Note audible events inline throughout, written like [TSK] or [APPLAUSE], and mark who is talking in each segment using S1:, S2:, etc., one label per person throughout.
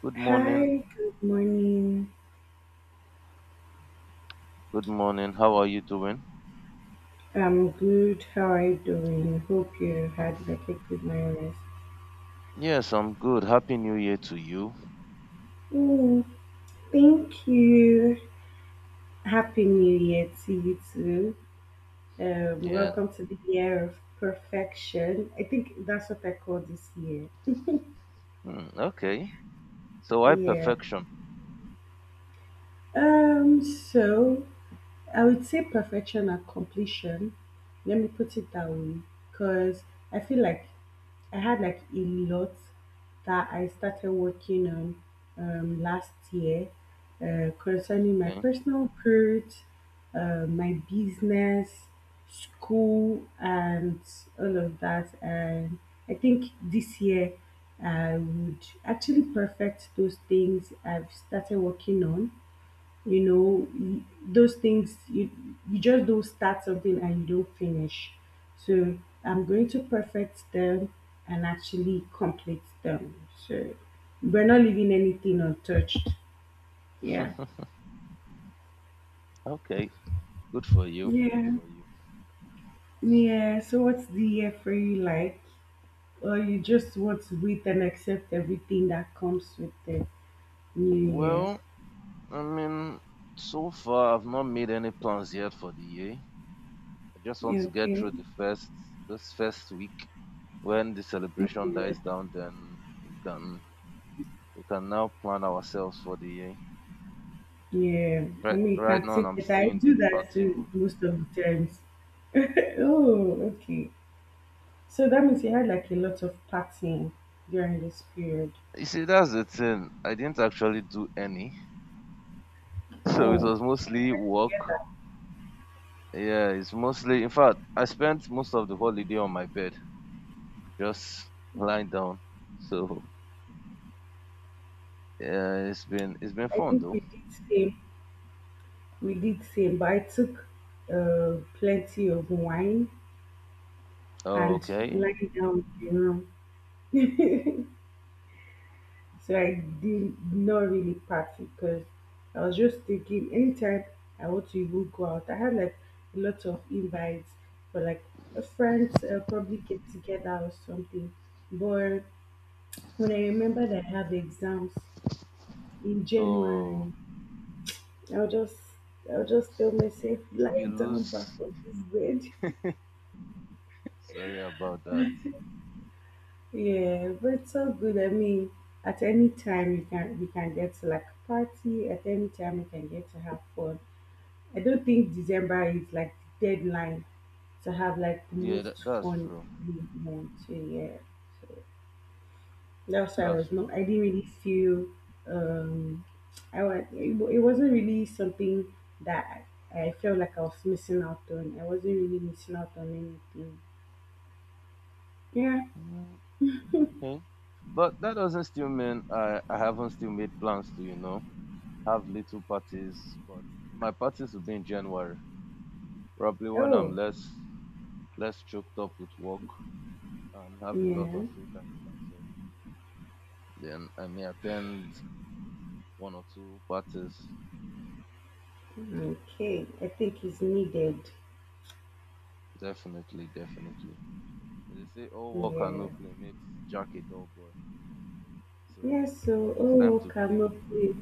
S1: Good morning.
S2: Hi, good morning.
S1: Good morning. How are you doing?
S2: I'm good. How are you doing? Hope you
S1: I'm
S2: had
S1: f-
S2: like a good night rest.
S1: yes, I'm good. Happy New Year to you.
S2: Mm, thank you. Happy New Year to you too.
S1: Yeah.
S2: Welcome to the year of perfection. I think that's what I call this year.
S1: Hmm, okay. So I
S2: Yeah.
S1: perfection.
S2: So I would say perfection and completion. Let me put it that way, because I feel like I had like a lot that I started working on last year concerning my
S1: Okay. [LAUGHS]
S2: personal growth, my business, school, and all of that. And I think this year I would actually perfect those things I've started working on those things you just don't start something and you don't finish, so I'm going to perfect them and actually complete them, so we're not leaving anything untouched. Yeah.
S1: Okay. Good for you. Good
S2: Yeah,
S1: for you.
S2: yeah. So what's the year for you like, or you just want to wait and accept everything that comes with the new year?
S1: Well, I mean, so far I've not made any plans yet for the year. I just want to get
S2: Okay.
S1: through the first this first week. When the celebration
S2: Yeah,
S1: dies down, then we can now plan ourselves for the year.
S2: yeah. I mean, you
S1: Right
S2: can
S1: now
S2: see
S1: I'm
S2: that I
S1: still in the
S2: do that
S1: party
S2: too
S1: mood.
S2: most of the times. [LAUGHS] Oh, okay. So that means you had like a lot of partying during this period.
S1: You see, that's the thing. I didn't actually do any. [LAUGHS] So it
S2: Oh,
S1: was mostly work.
S2: yeah.
S1: Yeah, it's mostly, in fact, I spent most of the holiday on my bed, just lying down. So yeah, it's been
S2: I
S1: fun
S2: think
S1: though.
S2: we did same. We did same, but I took plenty of wine
S1: Oh,
S2: and
S1: okay.
S2: lying down in the room. [LAUGHS] So I did not really party because I was just thinking anytime I want to even go out, I had like a lot of invites for like a friends probably get together or something. But when I remembered I had exams in January,
S1: Oh,
S2: I'll just I'll just tell myself, lie
S1: you
S2: down back
S1: lose.
S2: on this bed.
S1: [LAUGHS] Sorry about that.
S2: Yeah, but it's so good. I mean, at any time you can get to like a party, at any time you can get to have fun. I don't think December is like the deadline to have like the
S1: Yeah, that,
S2: most
S1: that's
S2: fun
S1: true.
S2: in the month. So, yeah. So. That's why I
S1: That's
S2: was not.
S1: true.
S2: I
S1: That's
S2: didn't really feel. Um, I was. It wasn't really something that I felt like I was missing out on. I wasn't really missing out on anything. Yeah.
S1: Mm, okay. But that doesn't still mean I haven't still made plans to, you know, have little parties, but my parties will be in January. Probably when I'm
S2: Oh.
S1: less choked up with work and have a lot
S2: Yeah.
S1: of free time for myself, then I may attend one or two parties.
S2: Okay. I think it's needed.
S1: Definitely, definitely. They say all work and no
S2: Yeah.
S1: play makes Jack a dull boy.
S2: Yeah.
S1: So
S2: So.
S1: it's time
S2: Oh,
S1: to play.
S2: cannot be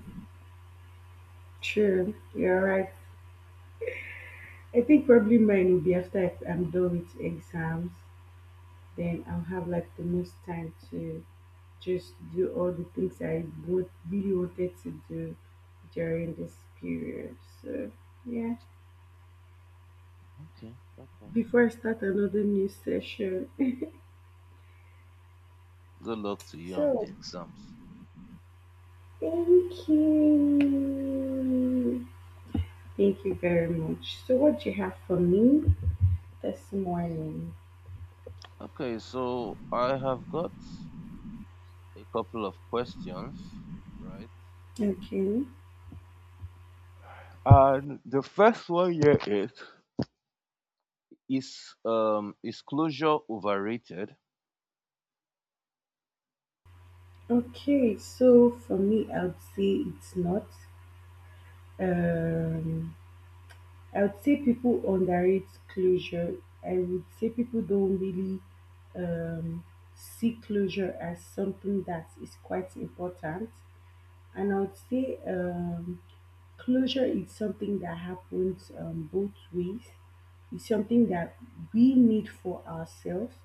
S2: true. You're right. I think probably mine will be after I'm done with exams. Then I'll have like the most time to just do all the things I would really wanted to do during this period. So yeah,
S1: Okay, okay.
S2: before I start another new session. [LAUGHS]
S1: Good luck to you on
S2: So
S1: the exams.
S2: thank you. Thank you very much. So what do you have for me this morning?
S1: Okay, so I have got a couple of questions, right?
S2: Okay.
S1: And the first one here is is closure overrated?
S2: Okay, so for me I would say it's not. Um I would say people underrate closure. I would say people don't really um, see closure as something that is quite important. And I would say closure is something that happens both ways. It's something that we need for ourselves,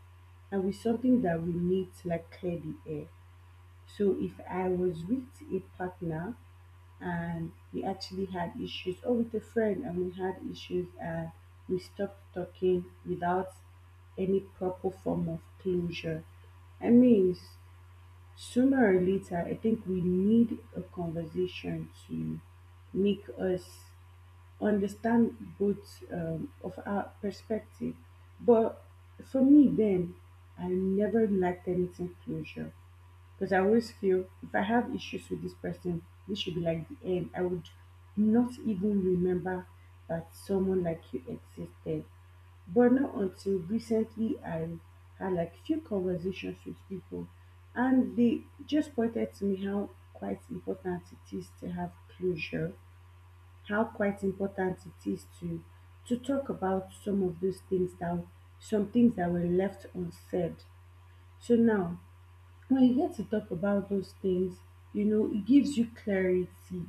S2: and it's something that we need to like clear the air. So if I was with a partner and we actually had issues, or with a friend and we had issues and we stopped talking without any proper form of closure. I mean, sooner or later, I think we need a conversation to make us understand both of our perspective. But for me, then, I never liked anything closure. Because I always feel if I have issues with this person, this should be like the end. I would not even remember that someone like you existed. But not until recently, I had like few conversations with people, and they just pointed to me how quite important it is to have closure, how quite important it is to talk about some of those things that some things that were left unsaid. So now when you get to talk about those things, it gives you clarity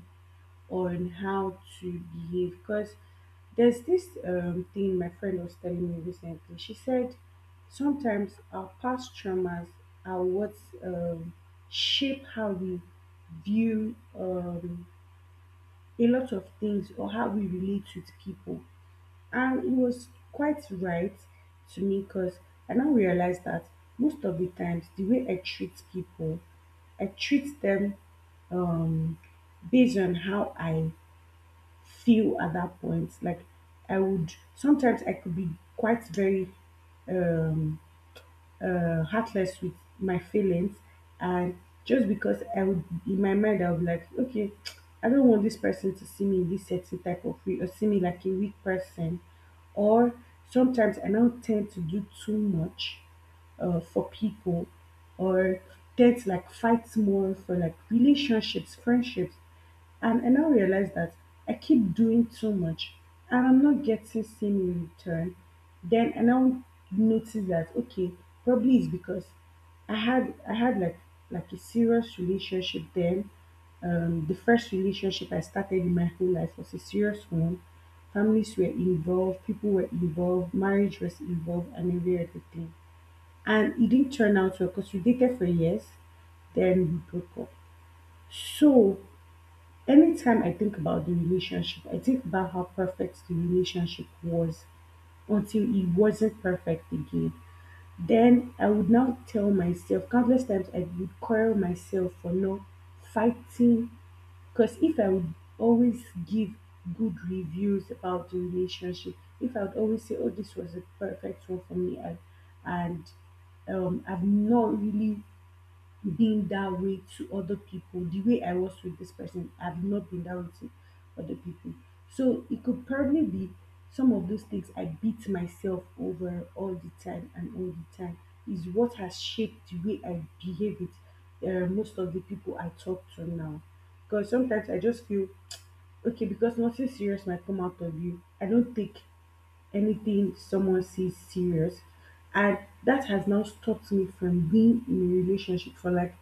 S2: on how to behave. Because there's this thing my friend was telling me recently. She said sometimes our past traumas are what um, shape how we view a lot of things or how we relate with people. And he was quite right to me because I now realize that most of the times the way I treat people, I treat them um based on how I feel at that point. Like I would sometimes I could be quite very um heartless with my feelings, and just because I would in my mind I would be like, okay, I don't want this person to see me in this certain type of way or see me like a weak person. Or sometimes I now tend to do too much for people, or tend to like fight more for like relationships, friendships, and I now realize that I keep doing too much and I'm not getting same in return. Then I now notice that okay, probably it's because I had like a serious relationship then. The first relationship I started in my whole life was a serious one. Families were involved, people were involved, marriage was involved, and every other thing. And it didn't turn out well because we dated for years, then we broke up. So anytime I think about the relationship, I think about how perfect the relationship was until it wasn't perfect again. Then I would now tell myself, countless times I would quarrel myself for not fighting. Because if I would always give good reviews about the relationship, if I would always say, oh, this was a perfect one for me, and I've not really being that way to other people the way I was with this person. I've not been that way to other people. So it could probably be some of those things I beat myself over all the time and all the time is what has shaped the way I behave with most of the people I talk to now. Because sometimes I just feel okay because nothing serious might come out of you. I don't take anything someone sees serious. And that has now stopped me from being in a relationship for like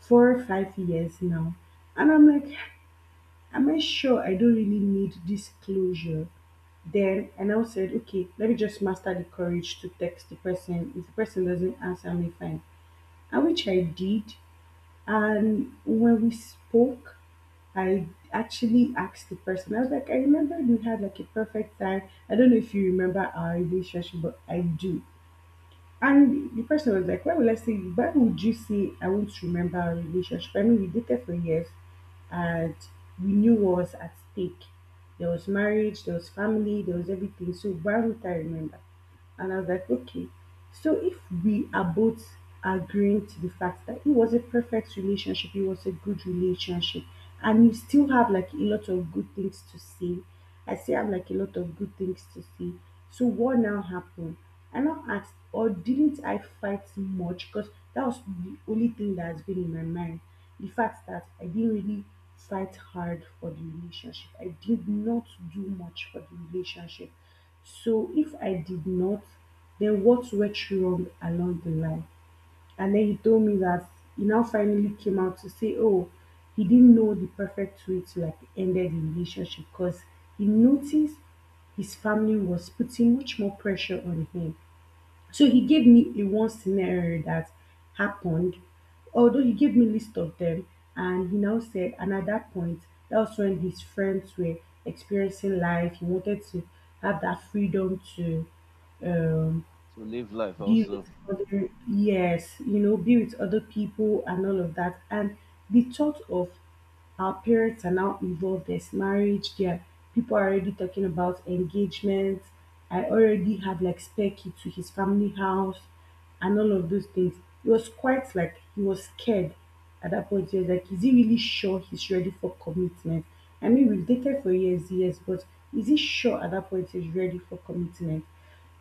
S2: 4 or 5 years now. And I'm like, am I sure I don't really need this closure? Then I now said, okay, let me just master the courage to text the person. If the person doesn't answer me, fine. And which I did. And when we spoke, I actually asked the person, I was like, I remember we had like a perfect time. I don't know if you remember our relationship, but I do. And the person was like, why would I say, why would you say I won't remember our relationship? I mean, we dated for years and we knew what was at stake. There was marriage, there was family, there was everything. So why would I remember? And I was like, okay. So if we are both agreeing to the fact that it was a perfect relationship, it was a good relationship, and you still have like a lot of good things to say, I still have like a lot of good things to say. So what now happened? I now asked, or didn't I fight much? Because that was the only thing that has been in my mind. The fact that I didn't really fight hard for the relationship. I did not do much for the relationship. So if I did not, then what went wrong along the line? And then he told me that he now finally came out to say, oh, he didn't know the perfect way to like end the relationship because he noticed his family was putting much more pressure on him. So he gave me a one scenario that happened, although he gave me list of them, and he now said, and at that point, that was when his friends were experiencing life. He wanted to have that freedom to um,
S1: To live life
S2: be with
S1: also.
S2: other, yes, be with other people and all of that. And the thought of our parents are now involved. There's marriage. There, people are already talking about engagement. I already had like spare key to his family house and all of those things. He was quite like he was scared at that point. He was like, is he really sure he's ready for commitment? I mean, we've dated for years, years, but is he sure at that point he's ready for commitment?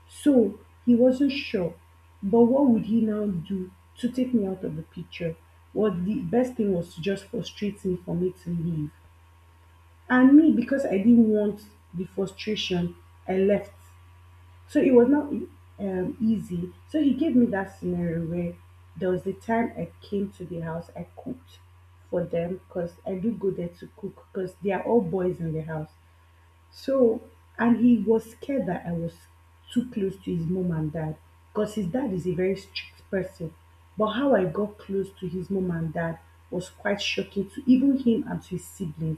S2: So, he wasn't sure, but what would he now do to take me out of the picture? What the best thing was to just frustrate me for me to leave. And me, because I didn't want the frustration, I left. So it was not easy. So he gave me that scenario where there was the time I came to the house, I cooked for them because I do go there to cook because they are all boys in the house. So, and he was scared that I was too close to his mom and dad because his dad is a very strict person. But how I got close to his mom and dad was quite shocking to even him and to his siblings.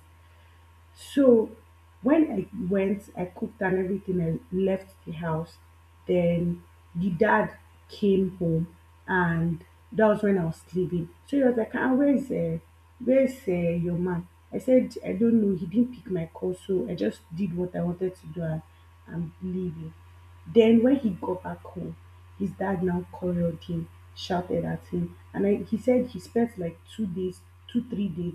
S2: So when I went, I cooked and everything, I left the house. Then the dad came home and that was when I was sleeping. So he was like, ah, where's your man? I said, I don't know. He didn't pick my call, so I just did what I wanted to do and I'm leaving. Then when he got back home, his dad now quarreled him, shouted at him, and he said he spent like 2 days, 3 days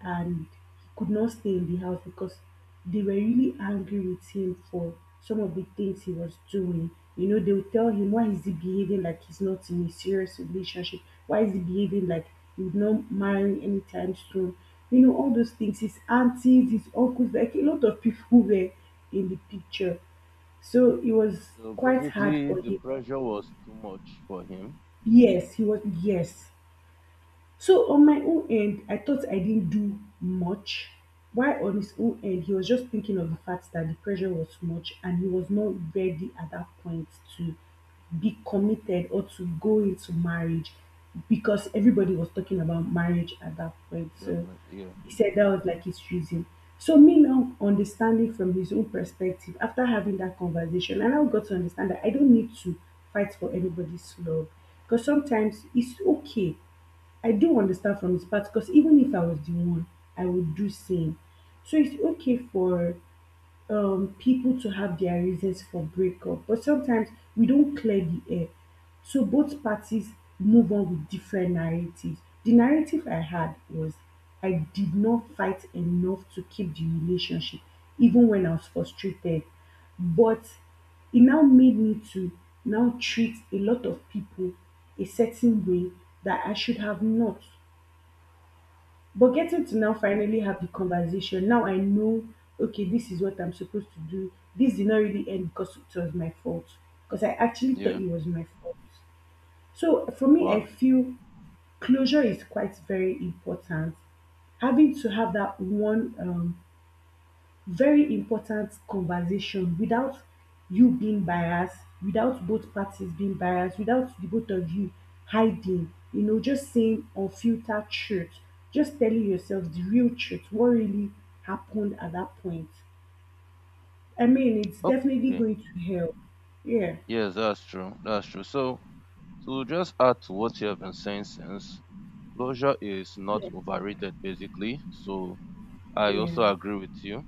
S2: and he could not stay in the house because they were really angry with him for some of the things he was doing. You know, they would tell him, why is he behaving like he's not in a serious relationship? Why is he behaving like he would not marry anytime soon? You know, all those things. His aunties, his uncles, like a lot of people [LAUGHS] were in the picture. So it was
S1: So
S2: quite hard
S1: basically,
S2: for
S1: the
S2: him.
S1: pressure was too much for him.
S2: Yes, he was, yes. So on my own end, I thought I didn't do much, while on his own end, he was just thinking of the fact that the pressure was too much and he was not ready at that point to be committed or to go into marriage because everybody was talking about marriage at that point. So
S1: Definitely, yeah.
S2: he said that was like his reason. So me now understanding from his own perspective after having that conversation, I now got to understand that I don't need to fight for anybody's love because sometimes it's okay. I do understand from his part because even if I was the one, I would do same. So it's okay for people to have their reasons for breakup, but sometimes we don't clear the air. So both parties move on with different narratives. The narrative I had was I did not fight enough to keep the relationship, even when I was frustrated. But it now made me to now treat a lot of people a certain way that I should have not. But
S1: Mm.
S2: getting to now
S1: Okay.
S2: finally have the conversation, now I know, okay, this is what I'm supposed to do. This did not really end because it was my fault. Because I actually thought
S1: Yeah.
S2: it was my fault. So for me, I
S1: Wow.
S2: feel closure is quite very important. Having to have that one very important conversation without you being biased, without both parties being biased, without the both of you hiding, you know, just saying unfiltered truth, just telling yourself the real truth, what really happened at that point. I mean, it's definitely
S1: Okay.
S2: going to help. Yeah.
S1: Yes, that's true. That's true. So to just add to what you have been saying since, closure is not
S2: Yeah.
S1: overrated. Basically, so I also
S2: Yeah.
S1: agree with you.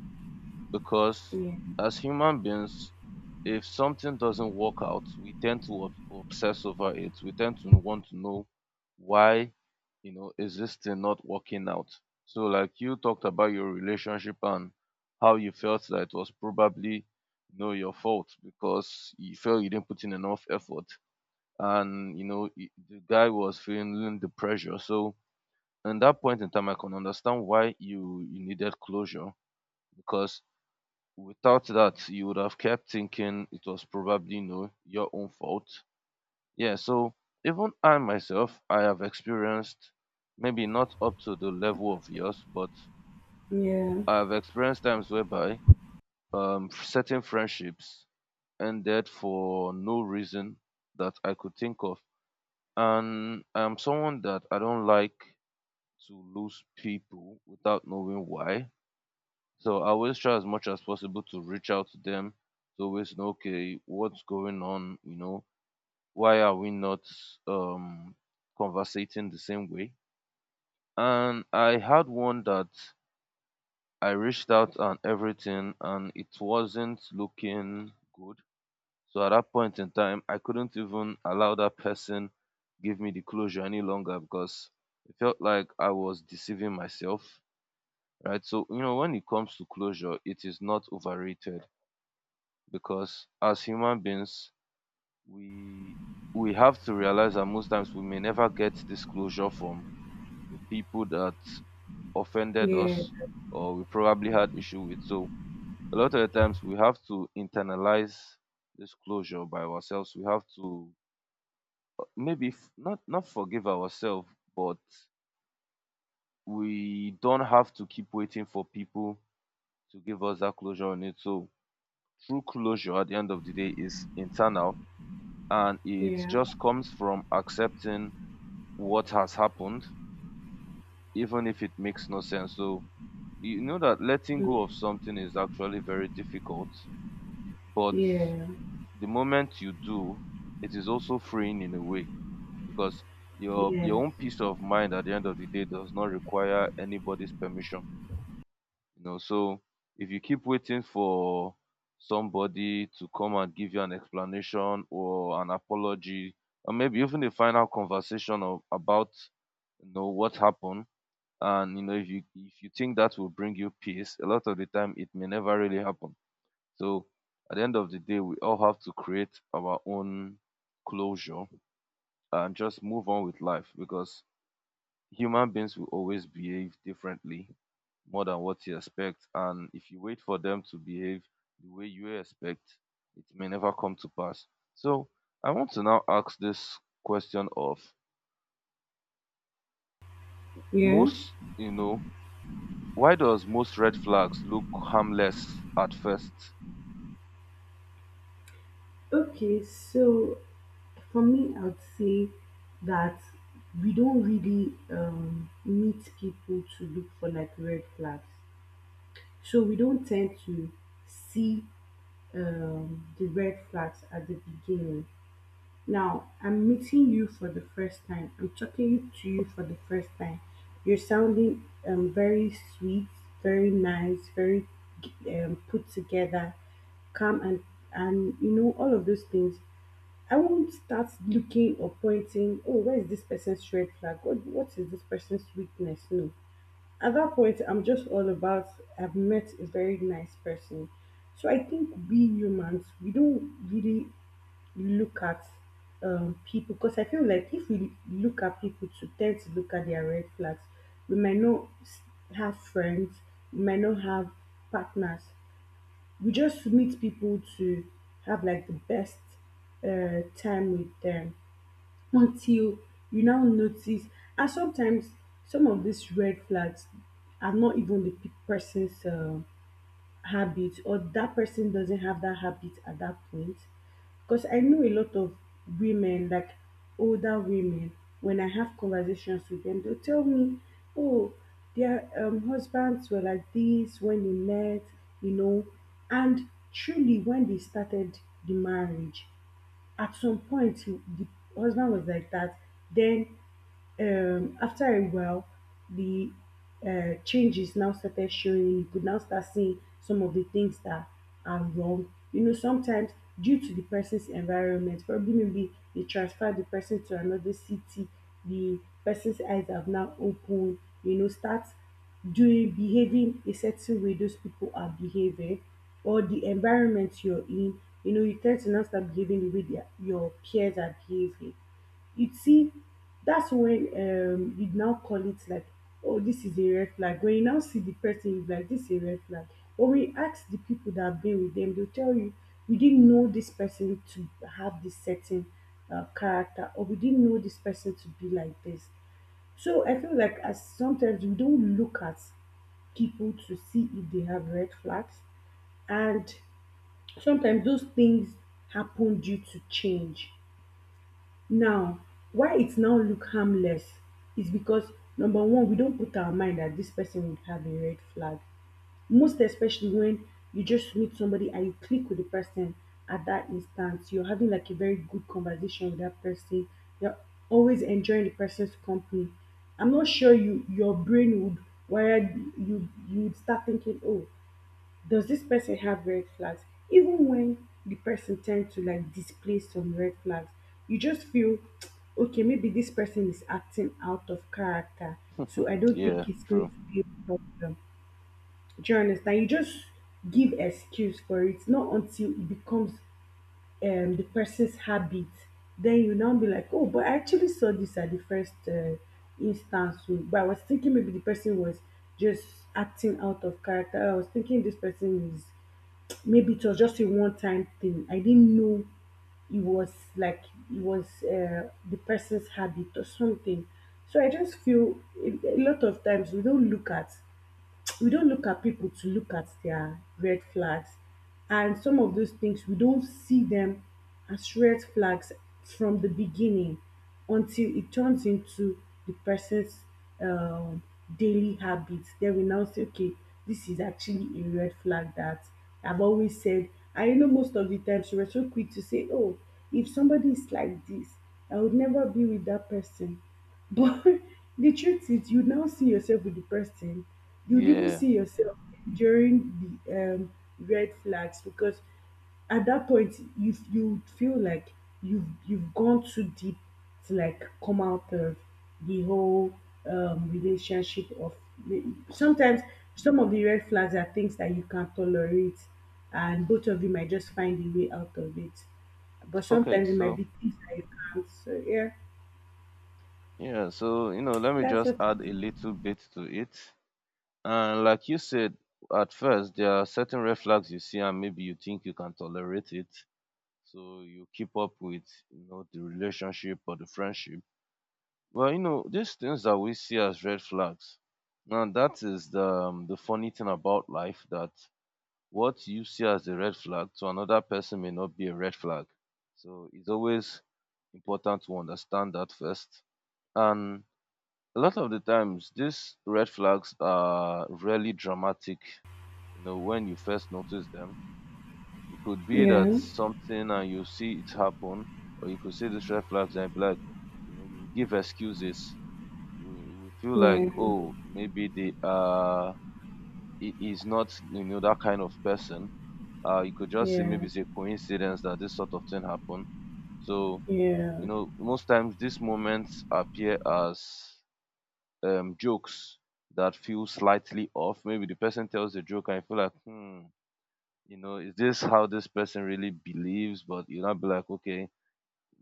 S1: Because
S2: Yeah.
S1: as human beings, if something doesn't work out, we tend to obsess over it. We tend to want to know why, you know, is this thing not working out? So like you talked about your relationship and how you felt that it was probably, you know, your fault because you felt you didn't put in enough effort, and you know the guy was feeling the pressure. So in that point in time, I can understand why you needed closure, because without that, you would have kept thinking it was probably no your own fault. Yeah, so even I myself, I have experienced maybe not up to the level of yours, but
S2: Yeah.
S1: I have experienced times whereby certain friendships ended for no reason that I could think of, and I'm someone that I don't like to lose people without knowing why. So I always try as much as possible to reach out to them, to always know, okay, what's going on? You know, why are we not um conversating the same way? And I had one that I reached out and everything, and it wasn't looking good. So at that point in time, I couldn't even allow that person give me the closure any longer because it felt like I was deceiving myself, right? So you know, when it comes to closure, it is not overrated because as human beings, we we have to realize that most times we may never get disclosure from the people that offended
S2: Yeah.
S1: us or we probably had issue with. So a lot of the times we have to internalize this closure by ourselves. We have to maybe not forgive ourselves, but we don't have to keep waiting for people to give us that closure on it. So true closure at the end of the day is internal. And it
S2: Yeah.
S1: just comes from accepting what has happened, even if it makes no sense. So, you know that letting go of something is actually very difficult, but
S2: Yeah.
S1: the moment you do, it is also freeing in a way because
S2: Yeah.
S1: your own peace of mind at the end of the day does not require anybody's permission. You know, so if you keep waiting for somebody to come and give you an explanation or an apology, or maybe even a final conversation of, about, you know, what happened, and you know if you think that will bring you peace, a lot of the time it may never really happen. So at the end of the day, we all have to create our own closure and just move on with life because human beings will always behave differently more than what you expect. And if you wait for them to behave the way you expect, it may never come to pass. So I want to now ask this question of
S2: Yeah.
S1: most, you know, why does most red flags look harmless at first?
S2: Okay, so for me, I would say that we don't really meet people to look for like red flags. So we don't tend to see the red flags at the beginning. Now, I'm meeting you for the first time. I'm talking to you for the first time. You're sounding very sweet, very nice, very put together, calm, and you know all of those things. I won't start looking or pointing, oh, where is this person's red flag? What is this person's weakness? No. At that point, I'm just all about, I've met a very nice person. So I think we humans, we don't really look at people because I feel like if we look at people to tend to look at their red flags, we might not s- have friends, we might not have partners. We just meet people to have like the best time with them until you now notice and sometimes some of these red flags are not even person's habit or that person doesn't have that habit at that point because I know a lot of women, like older women, when I have conversations with them, they'll tell me, oh, their husbands were like this when they met, you know. And truly, when they started the marriage, at some point the husband was like that then after a while, the changes now started showing. You could now start seeing some of the things that are wrong. You know, sometimes due to the person's environment, probably maybe they transferred the person to another city, the person's eyes have now opened, you know, start doing, behaving a certain way those people are behaving, or the environment you're in, you know, you tend to now start behaving the way your peers are behaving, you see, that's when you now call it like, oh, this is a red flag. When you now see the person, you're like, this is a red flag. But when you ask the people that have been with them, they'll tell you, we didn't know this person to have this certain character, or we didn't know this person to be like this. So I feel like as sometimes we don't look at people to see if they have red flags, and sometimes those things happen due to change now, why it now look harmless is because number one, we don't put our mind that this person would have a red flag. Most especially when you just meet somebody and you click with the person at that instance, you're having like a very good conversation with that person. You're always enjoying the person's company. I'm not sure your brain would, where you would start thinking, oh, does this person have red flags even when the person tends to like display some red flags, you just feel [TSK] okay, maybe this person is acting out of character, so I don't
S1: Yeah,
S2: think it's going
S1: true.
S2: to be a problem. Do you understand? You just give excuse for it, not until it becomes the person's habit, then you now be like, oh, but I actually saw this at the first instance, oh, but I was thinking maybe the person was just acting out of character. I was thinking this person is, maybe it was just a one-time thing. I didn't know it was like it was the person's habit or something. So I just feel a lot of times we don't look at, we don't look at people to look at their red flags, and some of those things we don't see them as red flags from the beginning until it turns into the person's um, daily habits, then we now say, okay, this is actually a red flag that I've always said. I know most of the times we're so quick to say, oh, if somebody is like this, I would never be with that person, but [LAUGHS] the truth is, you'd now see yourself with the person. You'd even
S1: Yeah.
S2: see yourself during the red flags because at that point you feel like you've gone too deep to like come out of the whole relationship of sometimes some of the red flags are things that you can't tolerate and both of you might just find a way out of it, but
S1: Okay,
S2: sometimes it might
S1: so
S2: be things that you can't, so yeah,
S1: yeah, so you know, let me
S2: that's
S1: just
S2: what.
S1: add a little bit to it. And like you said, at first there are certain red flags you see and maybe you think you can tolerate it. So you keep up with, you know, the relationship or the friendship. Well, you know, these things that we see as red flags, now that is the funny thing about life, that what you see as a red flag to another person may not be a red flag. So it's always important to understand that first. And a lot of the times these red flags are really dramatic, you know, when you first notice them. It could be that
S2: Yeah,
S1: something and you see it happen, or you could see this red flags and be like, you know, you will give excuses. We feel like,
S2: yeah,
S1: oh, maybe they it is not, you know, that kind of person. You could just say
S2: yeah,
S1: maybe it's a coincidence that this sort of thing happened. So
S2: yeah,
S1: you know, most times these moments appear as jokes that feel slightly off. Maybe the person tells a joke and you feel like, hmm, you know, is this how this person really believes? But you'll not be like, okay,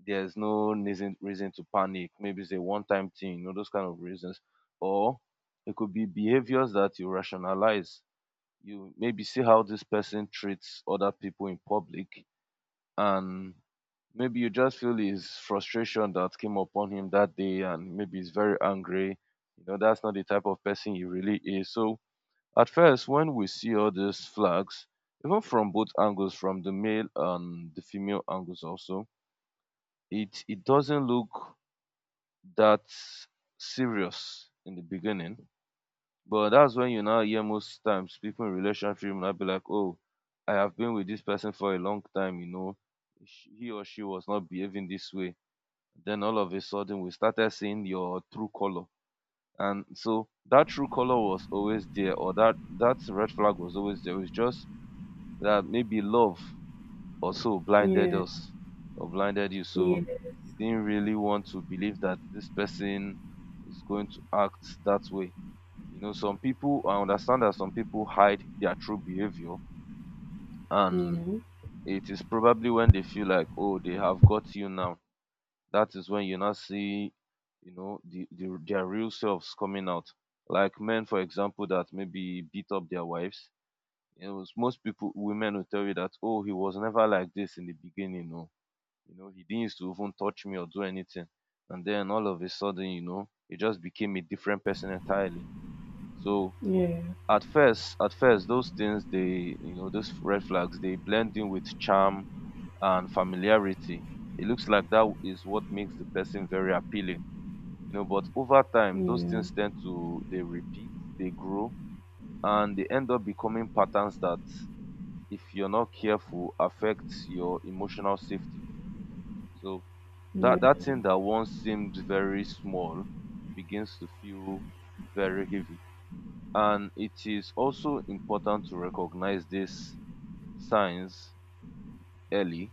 S1: there's no reason to panic. Maybe it's a one-time thing, you know, those kind of reasons. Or it could be behaviors that you rationalize. You maybe see how this person treats other people in public, and maybe you just feel his frustration that came upon him that day, and maybe he's very angry. You know, that's not the type of person he really is. So at first, when we see all these flags, even from both angles, from the male and the female angles also, it doesn't look that serious in the beginning. But that's when you now hear most times people in relationship will now be like, "Oh, I have been with this person for a long time, you know, he or she was not behaving this way." Then all of a sudden, we started seeing your true color, and so that true color was always there, or that red flag was always there. It's just that maybe love also blinded
S2: yeah,
S1: us or blinded you. So you
S2: yes,
S1: didn't really want to believe that this person is going to act that way. You know, some people, I understand that some people hide their true behavior, and
S2: yeah,
S1: it is probably when they feel like, oh, they have got you now. That is when you now see, you know, the their real selves coming out. Like men, for example, that maybe beat up their wives, you know, most people, women will tell you that, oh, he was never like this in the beginning, no. You know, he didn't used to even touch me or do anything. And then all of a sudden, you know, he just became a different person entirely. So
S2: yeah, yeah,
S1: at first, those things, they, you know, those red flags, they blend in with charm and familiarity. It looks like that is what makes the person very appealing, you know, but over time, those
S2: yeah,
S1: things tend to, they repeat, they grow, and they end up becoming patterns that if you're not careful affects your emotional safety. So that thing that once seemed very small begins to feel very heavy. And it is also important to recognize these signs early.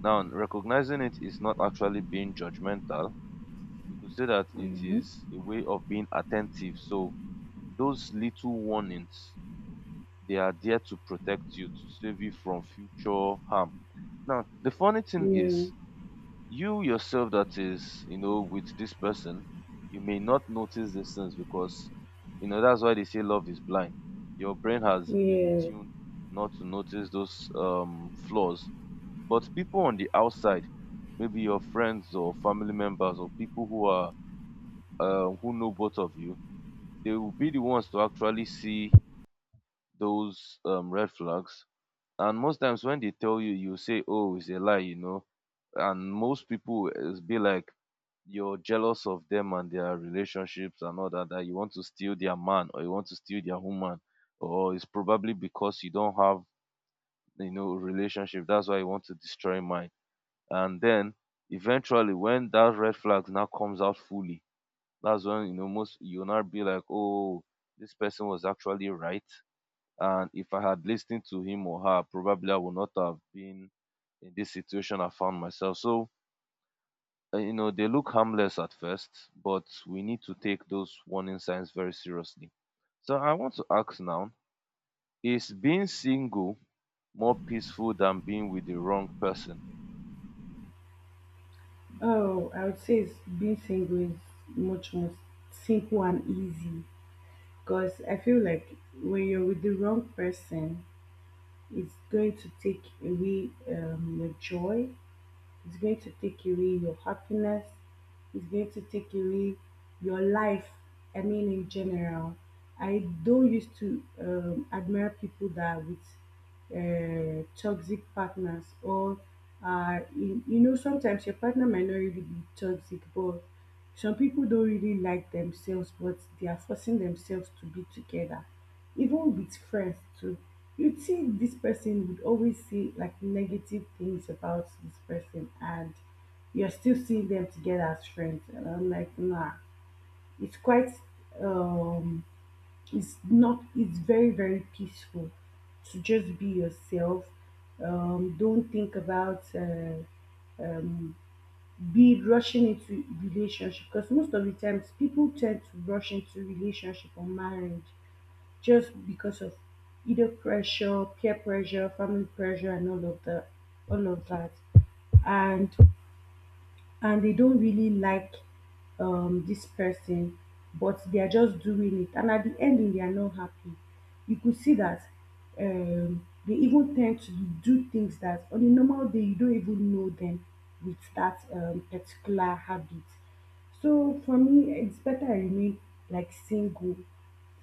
S1: Now, recognizing it is not actually being judgmental. You could say that it
S2: yeah,
S1: is a way of being attentive. So, those little warnings, they are there to protect you, to save you from future harm. Now, the funny thing
S2: yeah,
S1: is, you yourself that is, you know, with this person, you may not notice these things because, you know, that's why they say love is blind. Your brain has been
S2: yeah.
S1: tuned not to notice those flaws. But people on the outside, maybe your friends or family members or people who are who know both of you, they will be the ones to actually see those red flags, and most times when they tell you, you say, oh, it's a lie, you know. And most people is be like, you're jealous of them and their relationships and all that, that you want to steal their man or you want to steal their woman. Or it's probably because you don't have, you know, relationship. That's why you want to destroy mine. And then eventually when that red flag now comes out fully, that's when, you know, most, you'll not be like, oh, this person was actually right, and if I had listened to him or her, probably I would not have been in this situation I found myself. So, you know, they look harmless at first, but we need to take those warning signs very seriously. So, I want to ask now, is being single more peaceful than being with the wrong person?
S2: Oh, I would say it's, being single is much more simple and easy because I feel like when you're with the wrong person, it's going to take away your joy. It's going to take away your happiness. It's going to take away your life. I mean, in general, I don't used to admire people that are with toxic partners or you, you know, sometimes your partner might not really be toxic, but some people don't really like themselves, but they are forcing themselves to be together, even with friends too. You think this person would always see like negative things about this person, and you're still seeing them together as friends, and I'm like, nah, it's quite um it's not, it's very very peaceful to just be yourself, don't think about um be rushing into relationship because most of the times people tend to rush into relationship or marriage just because of either pressure, peer pressure, family pressure, and all of that, and and they don't really like this person, but they are just doing it, and at the ending they are not happy. You could see that they even tend to do things that on a normal day you don't even know them with that particular habit. So for me, it's better I remain like single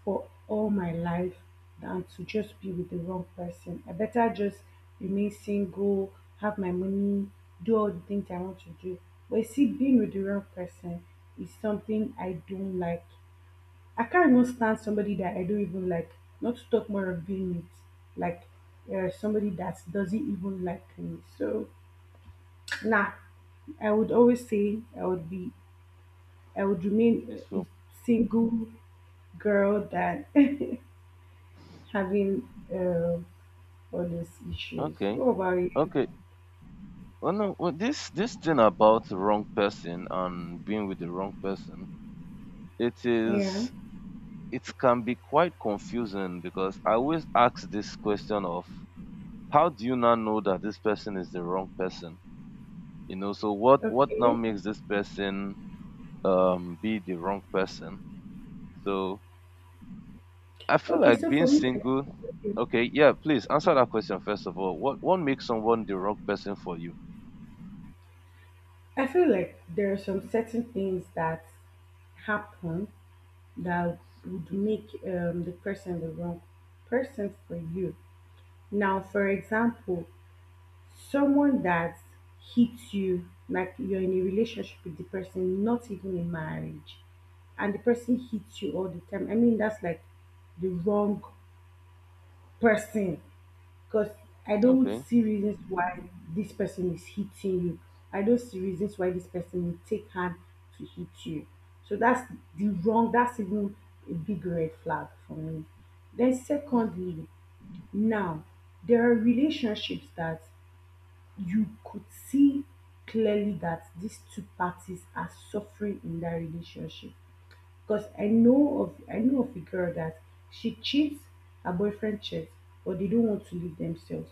S2: for all my life than to just be with the wrong person. I better just remain single, have my money, do all the things I want to do. But you see, being with the wrong person is something I don't like. I can't even stand somebody that I don't even like. Not to talk more of being with like somebody that doesn't even like me. So nah, I would always say I would remain a
S1: Peaceful.
S2: single girl than [LAUGHS] having all these issues.
S1: Okay.
S2: What about you?
S1: Okay. Well, no, well, this thing about the wrong person and being with the wrong person, it
S2: Yeah.
S1: is it can be quite confusing because I always ask this question of how do you now know that this person is the wrong person? You know, so what now
S2: Okay.
S1: makes this person be the wrong person? So I feel
S2: Okay.
S1: like
S2: So
S1: being
S2: for me, okay,
S1: single. Okay, yeah, please answer that question first of all. What makes someone the wrong person for you?
S2: I feel like there are some certain things that happen that would make the person the wrong person for you. Now, for example, someone that hits you, like, you're in a relationship with the person, not even in marriage, and the person hits you all the time. I mean, that's like the wrong person, because I don't
S1: Okay,
S2: see reasons why this person is hitting you. I don't see reasons why this person will take hand to hit you. So that's the wrong that's even a big red flag for me. Then secondly, now, there are relationships that you could see clearly that these two parties are suffering in that relationship. Because I know of a girl that she cheats, her boyfriend cheats, but they don't want to leave themselves,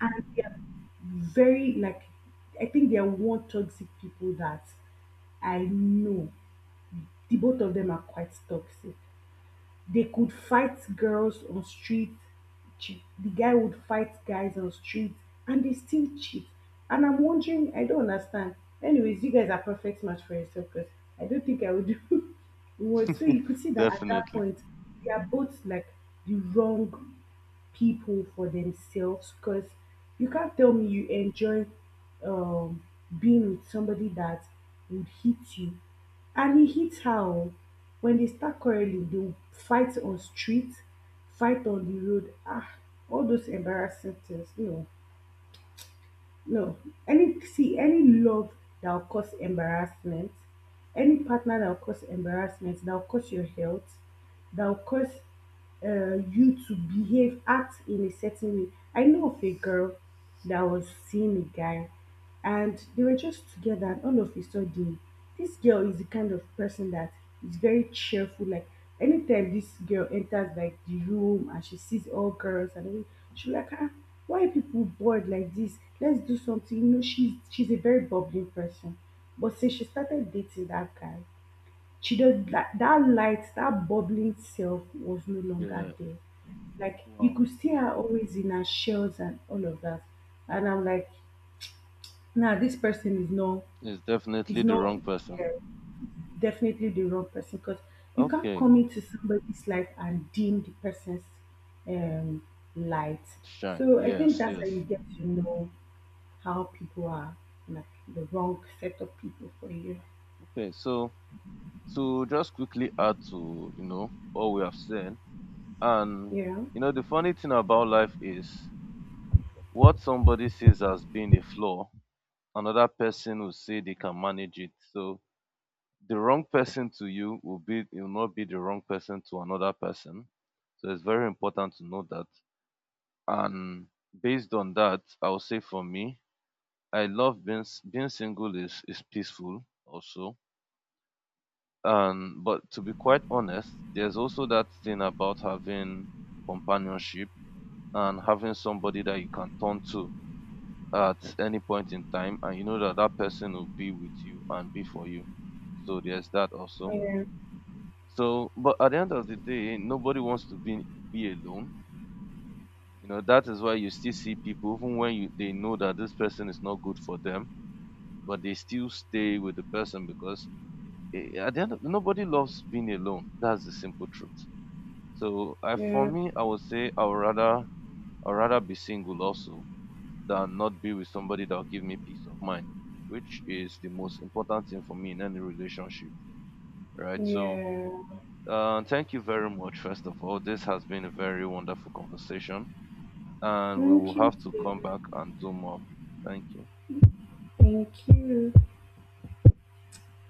S2: and they're very like, I think they're one toxic people that I know. The both of them are quite toxic. They could fight girls on street, cheat. The guy would fight guys on street, and they still cheat. And I'm wondering, I don't understand. Anyways, you guys are perfect match for yourself because I don't think I would do. [LAUGHS] Well, so
S1: mm.
S2: you
S1: [LAUGHS]
S2: could see that at that
S1: Definitely.
S2: point, they are both like the wrong people for themselves, because you
S1: Yeah,
S2: can't tell me you enjoy um, being with somebody that would hit you and he hits her, oh. When they start quarreling they will fight on street, fight on the road, ah, all those embarrassing things. No, no, any, see, any love that will cause embarrassment, any partner that will cause embarrassment, that will cause your health, that will cause you to behave, act in a certain way. I know of a girl that was seeing a guy and they were just together, and all of a sudden, this girl is the kind of person that is very cheerful, like anytime this girl enters like the room and she sees all girls and everything, she like, ah, why are people bored like this, let's do something, you know, she's a very bubbling person. But since she started dating that guy, she does that light, that bubbling self was no longer
S1: yeah.
S2: there. Like you
S1: Wow,
S2: could see her always in her shells and all of that. And I'm like, now, this person is not,
S1: it's
S2: is
S1: definitely the
S2: not,
S1: wrong person.
S2: yeah, definitely the wrong person, because you can't
S1: Okay,
S2: come into somebody's life and dim the person's um, light.
S1: shine.
S2: So I think
S1: Yes,
S2: that's how you
S1: yes.
S2: get to know how people are, like the wrong set of people for you.
S1: Okay, so to just quickly add to, you know, what we have said, and
S2: Yeah,
S1: you know the funny thing about life is what somebody sees as being a flaw another person will say they can manage it. So the wrong person to you will be will not be the wrong person to another person. So it's very important to know that. And based on that, I'll say for me, I love being single is peaceful also. But to be quite honest, there's also that thing about having companionship and having somebody that you can turn to at any point in time, and you know that that person will be with you and be for you. So there's that also.
S2: yeah,
S1: So, but at the end of the day, nobody wants to be alone. You know that is why you still see people, even when you they know that this person is not good for them, but they still stay with the person because eh, at the end, of, nobody loves being alone. That's the simple truth. So I for
S2: yeah,
S1: me I would say I'd rather be single also than not be with somebody that'll give me peace of mind, which is the most important thing for me in any relationship. Right. So
S2: yeah.
S1: thank you very much, first of all. This has been a very wonderful conversation. And we
S2: Thank
S1: will
S2: you,
S1: have to
S2: dear.
S1: come back and do more. Thank you.
S2: Thank you.